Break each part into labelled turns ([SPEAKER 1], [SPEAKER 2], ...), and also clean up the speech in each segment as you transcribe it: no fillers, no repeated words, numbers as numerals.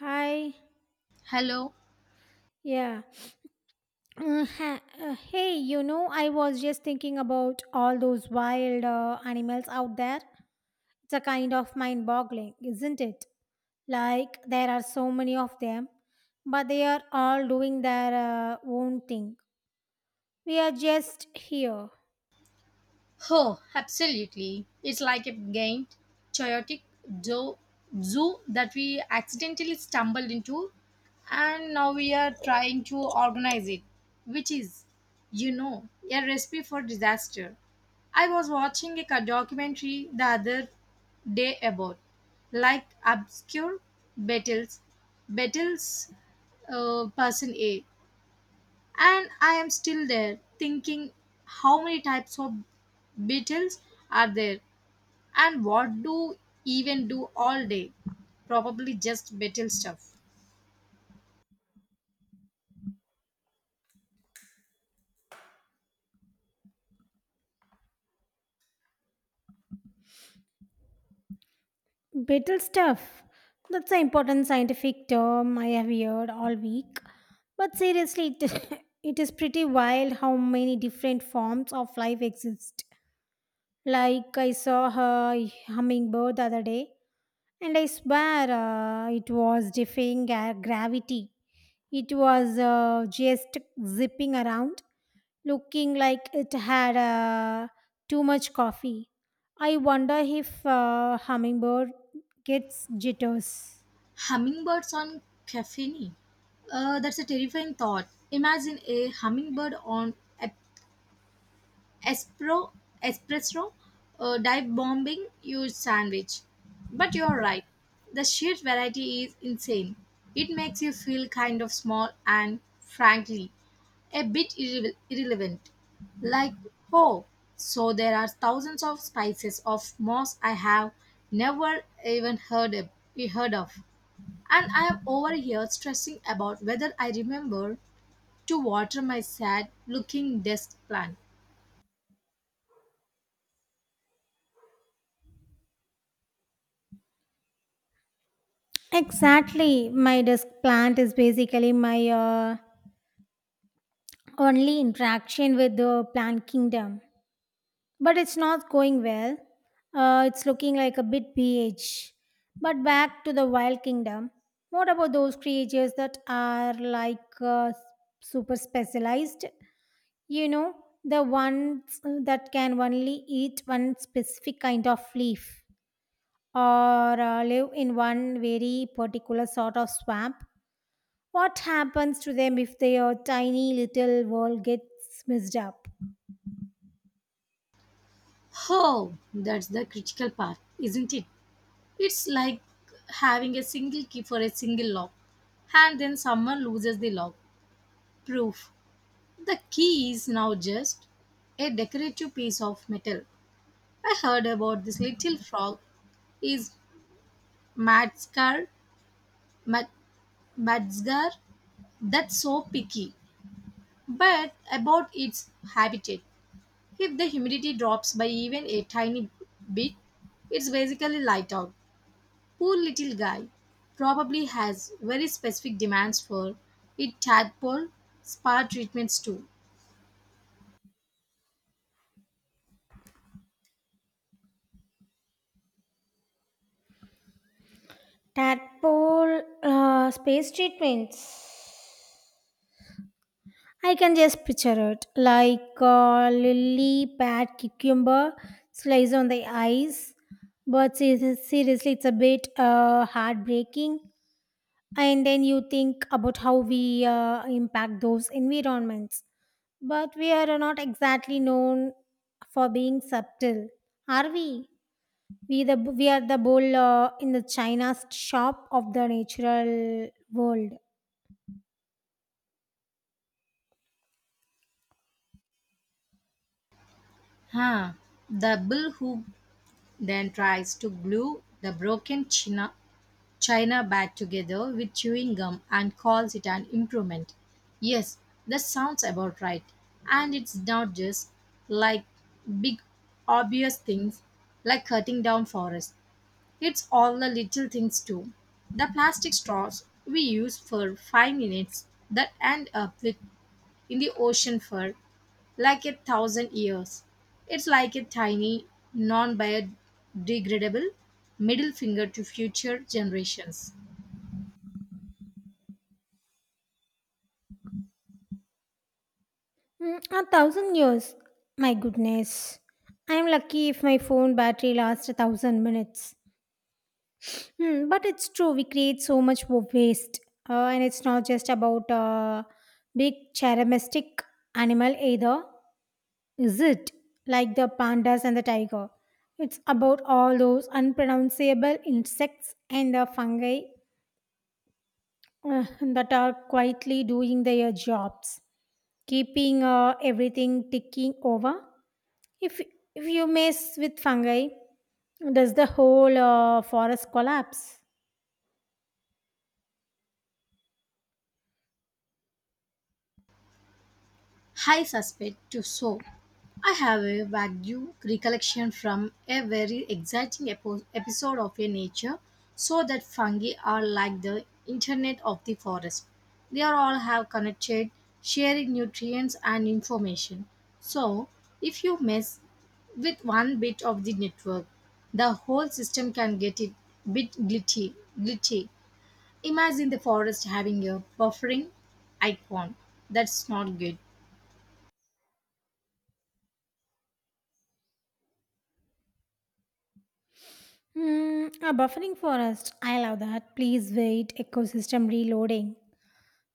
[SPEAKER 1] Hi.
[SPEAKER 2] Hello.
[SPEAKER 1] Yeah. Hey, you know, I was just thinking about all those wild animals out there. It's a kind of mind boggling, isn't it? Like, there are so many of them, but they are all doing their own thing. We are just here.
[SPEAKER 2] Oh, absolutely. It's like a giant, chaotic zoo, zoo that we accidentally stumbled into, and now we are trying to organize it, which is a recipe for disaster. I was watching a documentary the other day about like obscure battles, battles, person A. And I am still there thinking how many types of beetles are there and what do even do all day. Probably just beetle stuff.
[SPEAKER 1] Brittle stuff. That's an important scientific term I have heard all week. But seriously, it is pretty wild how many different forms of life exist. Like I saw a hummingbird the other day, and I swear it was gravity. It was just zipping around, looking like it had too much coffee. I wonder if hummingbird gets jitters.
[SPEAKER 2] Hummingbirds on caffeine. That's a terrifying thought. Imagine a hummingbird on ep- espro, espresso dive bombing your sandwich. But you're right. The sheer variety is insane. It makes you feel kind of small and, frankly, a bit irrelevant. Like, oh, so there are thousands of species of moss I have never even heard of. And I am over here stressing about whether I remember to water my sad looking desk plant.
[SPEAKER 1] Exactly. My desk plant is basically my only interaction with the plant kingdom, but it's not going well. It's looking like a bit BH. But back to the wild kingdom. What about those creatures that are like super specialized? You know, the ones that can only eat one specific kind of leaf or live in one very particular sort of swamp. What happens to them if their tiny little world gets messed up?
[SPEAKER 2] Oh, that's the critical part, isn't it? It's like having a single key for a single lock, and then someone loses the lock. Proof. The key is now just a decorative piece of metal. I heard about this little frog is Madskar, Mad, Madskar, that's so picky, but about its habitat. If the humidity drops by even a tiny bit, it's basically light out. Poor little guy probably has very specific demands for it tadpole spa treatments too.
[SPEAKER 1] Tadpole space treatments. I can just picture it like a lily pad cucumber slice on the ice. But seriously, it's a bit heartbreaking. And then you think about how we impact those environments. But we are not exactly known for being subtle, are we? We are the bowl in the China's shop of the natural world.
[SPEAKER 2] Huh. The bull who then tries to glue the broken china back together with chewing gum and calls it an improvement. Yes, that sounds about right. And it's not just like big obvious things like cutting down forests. It's all the little things too. The plastic straws we use for 5 minutes that end up with in the ocean for like 1,000 years. It's like a tiny, non biodegradable middle finger to future generations.
[SPEAKER 1] Mm, a thousand years. My goodness. I'm lucky if my phone battery lasts a thousand minutes. Hmm, but it's true, we create so much waste. And it's not just about a big charismatic animal either, is it? Like the pandas and the tiger. It's about all those unpronounceable insects and the fungi that are quietly doing their jobs, keeping everything ticking over. If if you mess with fungi, does the whole forest collapse?
[SPEAKER 2] I suspect to so. I have a vague recollection from a very exciting episode of a nature, so that fungi are like the internet of the forest. They are all have connected, sharing nutrients and information. So, if you mess with one bit of the network, the whole system can get it bit glitchy. Imagine the forest having a buffering icon. That's not good.
[SPEAKER 1] Hmm, a buffering forest. I love that. Please wait. Ecosystem reloading.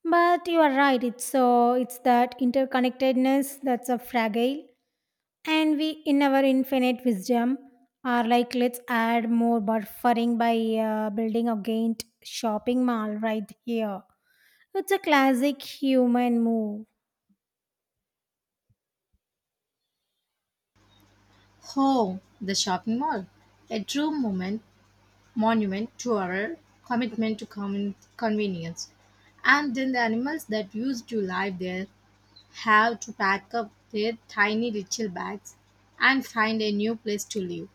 [SPEAKER 1] But you are right. It's so it's that interconnectedness that's a fragile, and we in our infinite wisdom are like let's add more buffering by building a giant shopping mall right here. It's a classic human move.
[SPEAKER 2] Oh, the shopping mall. A true monument to our commitment to common convenience. And then the animals that used to live there have to pack up their tiny little bags and find a new place to live,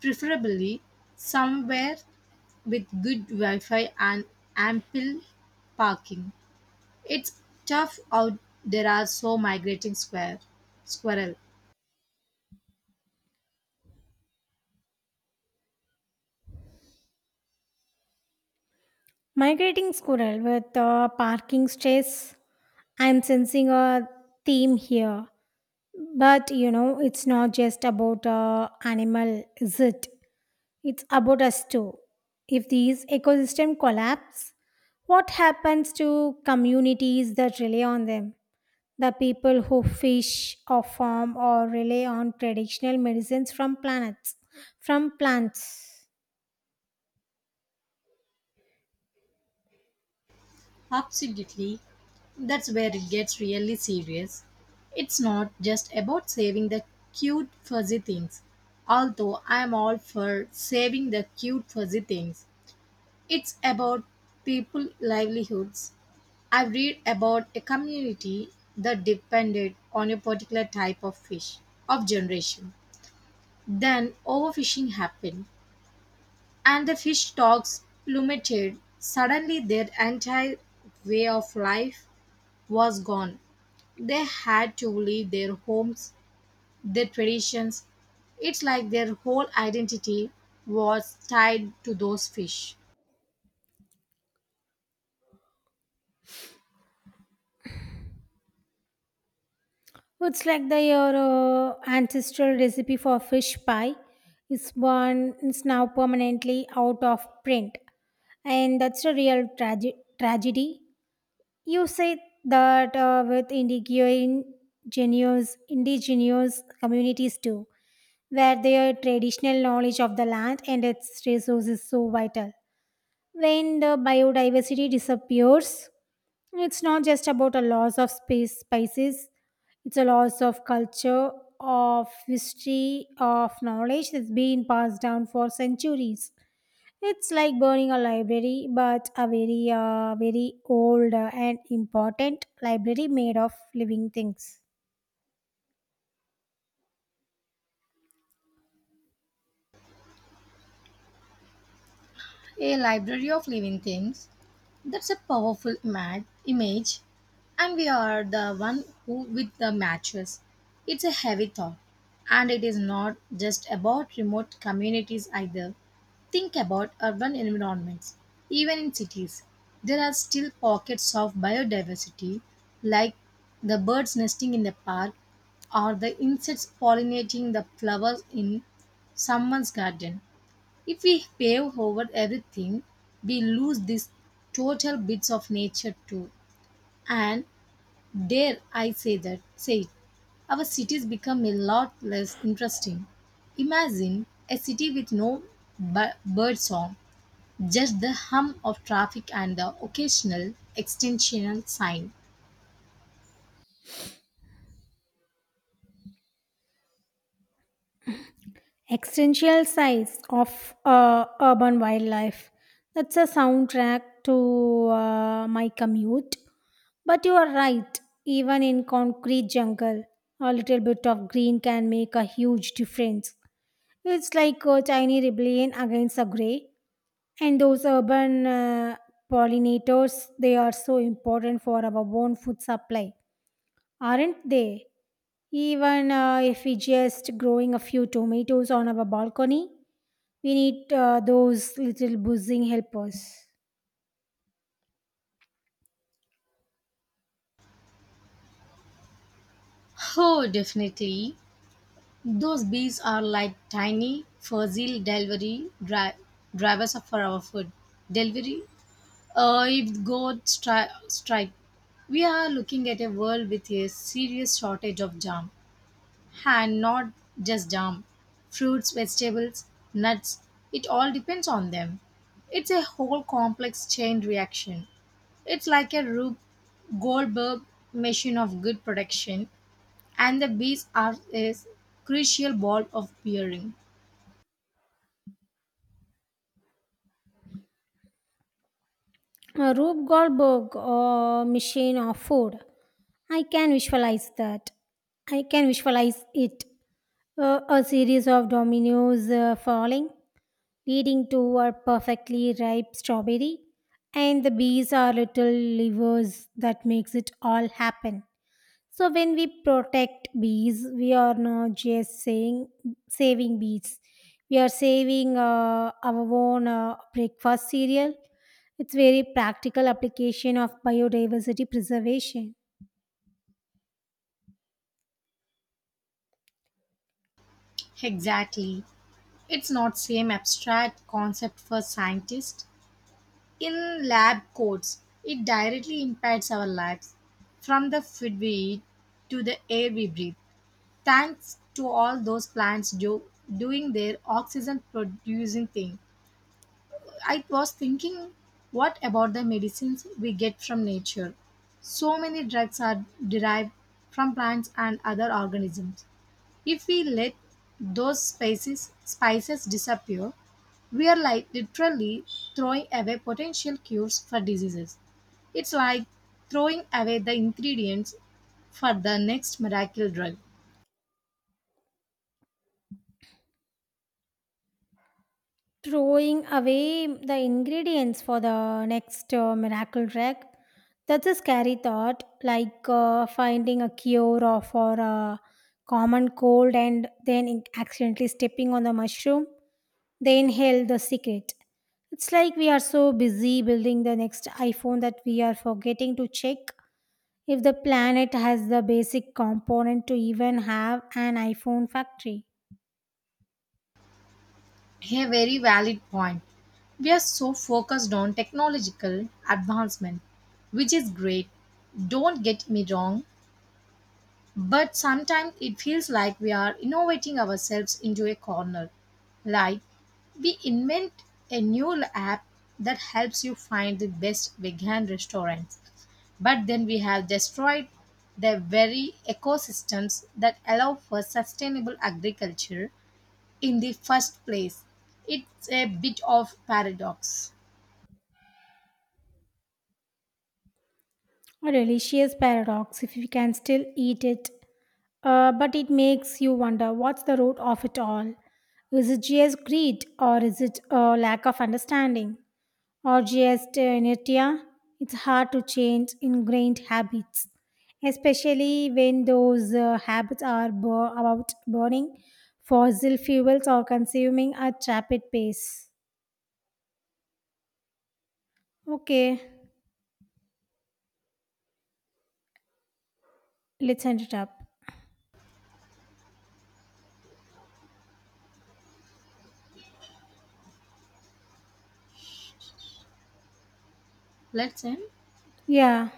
[SPEAKER 2] preferably somewhere with good Wi Fi and ample parking. It's tough out there are so migrating square squirrel.
[SPEAKER 1] Migrating squirrel with parking stress. I'm sensing a theme here. But you know, it's not just about animal, is it? It's about us too. If these ecosystem collapse, what happens to communities that rely on them? The people who fish or farm or rely on traditional medicines from planets, from plants.
[SPEAKER 2] Absolutely. That's where it gets really serious. It's not just about saving the cute fuzzy things, although I'm all for saving the cute fuzzy things. It's about people livelihoods. I read about a community that depended on a particular type of fish of generation. Then overfishing happened and the fish stocks plummeted. Suddenly their entire way of life was gone. They had to leave their homes, their traditions. It's like their whole identity was tied to those fish.
[SPEAKER 1] Well, it's like the your ancestral recipe for fish pie is one is now permanently out of print, and that's a real tragedy. You say that with indigenous communities too, where their traditional knowledge of the land and its resources is so vital. When the biodiversity disappears, it's not just about a loss of space spices, it's a loss of culture, of history, of knowledge that's been passed down for centuries. It's like burning a library, but a very, very old and important library made of living things.
[SPEAKER 2] A library of living things. That's a powerful image, and we are the one who with the matches. It's a heavy thought, and it is not just about remote communities either. Think about urban environments. Even in cities, there are still pockets of biodiversity, like the birds nesting in the park or the insects pollinating the flowers in someone's garden. If we pave over everything, we lose these total bits of nature too. And dare I say it, our cities become a lot less interesting. Imagine a city with no bird song, just the hum of traffic and the occasional extensional sign.
[SPEAKER 1] Existential Size of Urban Wildlife. That's a soundtrack to my commute. But you are right, even in concrete jungle, a little bit of green can make a huge difference. It's like a tiny rebellion against the grey. And those urban pollinators, they are so important for our own food supply. Aren't they? Even if we just growing a few tomatoes on our balcony, we need those little buzzing helpers.
[SPEAKER 2] Oh, definitely. Those bees are like tiny, fuzzy delivery drivers for our food. Delivery If God strike, we are looking at a world with a serious shortage of jam, and not just jam, fruits, vegetables, nuts. It all depends on them. It's a whole complex chain reaction. It's like a Rube Goldberg machine of good production, and the bees are a crucial ball of bearing.
[SPEAKER 1] A Rube Goldberg machine of food. I can visualize that. I can visualize it. A series of dominoes falling, leading to a perfectly ripe strawberry, and the bees are little levers that makes it all happen. So when we protect bees, we are not just saying saving bees. We are saving our own breakfast cereal. It's very practical application of biodiversity preservation.
[SPEAKER 2] Exactly. It's not same abstract concept for scientists, in lab coats, it directly impacts our lives from the food we eat to the air we breathe. Thanks to all those plants doing their oxygen producing thing. I was thinking, what about the medicines we get from nature? So many drugs are derived from plants and other organisms. If we let those spices disappear, we are like literally throwing away potential cures for diseases. It's like throwing away the ingredients for the next miracle drug.
[SPEAKER 1] Throwing away the ingredients for the next miracle drug. That's a scary thought, like finding a cure or for a common cold and then accidentally stepping on the mushroom. They inhale the secret. It's like we are so busy building the next iPhone that we are forgetting to check if the planet has the basic component to even have an iPhone factory.
[SPEAKER 2] A very valid point. We are so focused on technological advancement, which is great. Don't get me wrong, but sometimes it feels like we are innovating ourselves into a corner. Like we invent a new app that helps you find the best vegan restaurants. But then we have destroyed the very ecosystems that allow for sustainable agriculture in the first place. It's a bit of paradox.
[SPEAKER 1] A delicious paradox if we can still eat it. But it makes you wonder, what's the root of it all? Is it just greed or is it a lack of understanding? Or just inertia, it's hard to change ingrained habits, especially when those habits are about burning fossil fuels or consuming at rapid pace. Okay, let's end it up.
[SPEAKER 2] Let's end.
[SPEAKER 1] Yeah.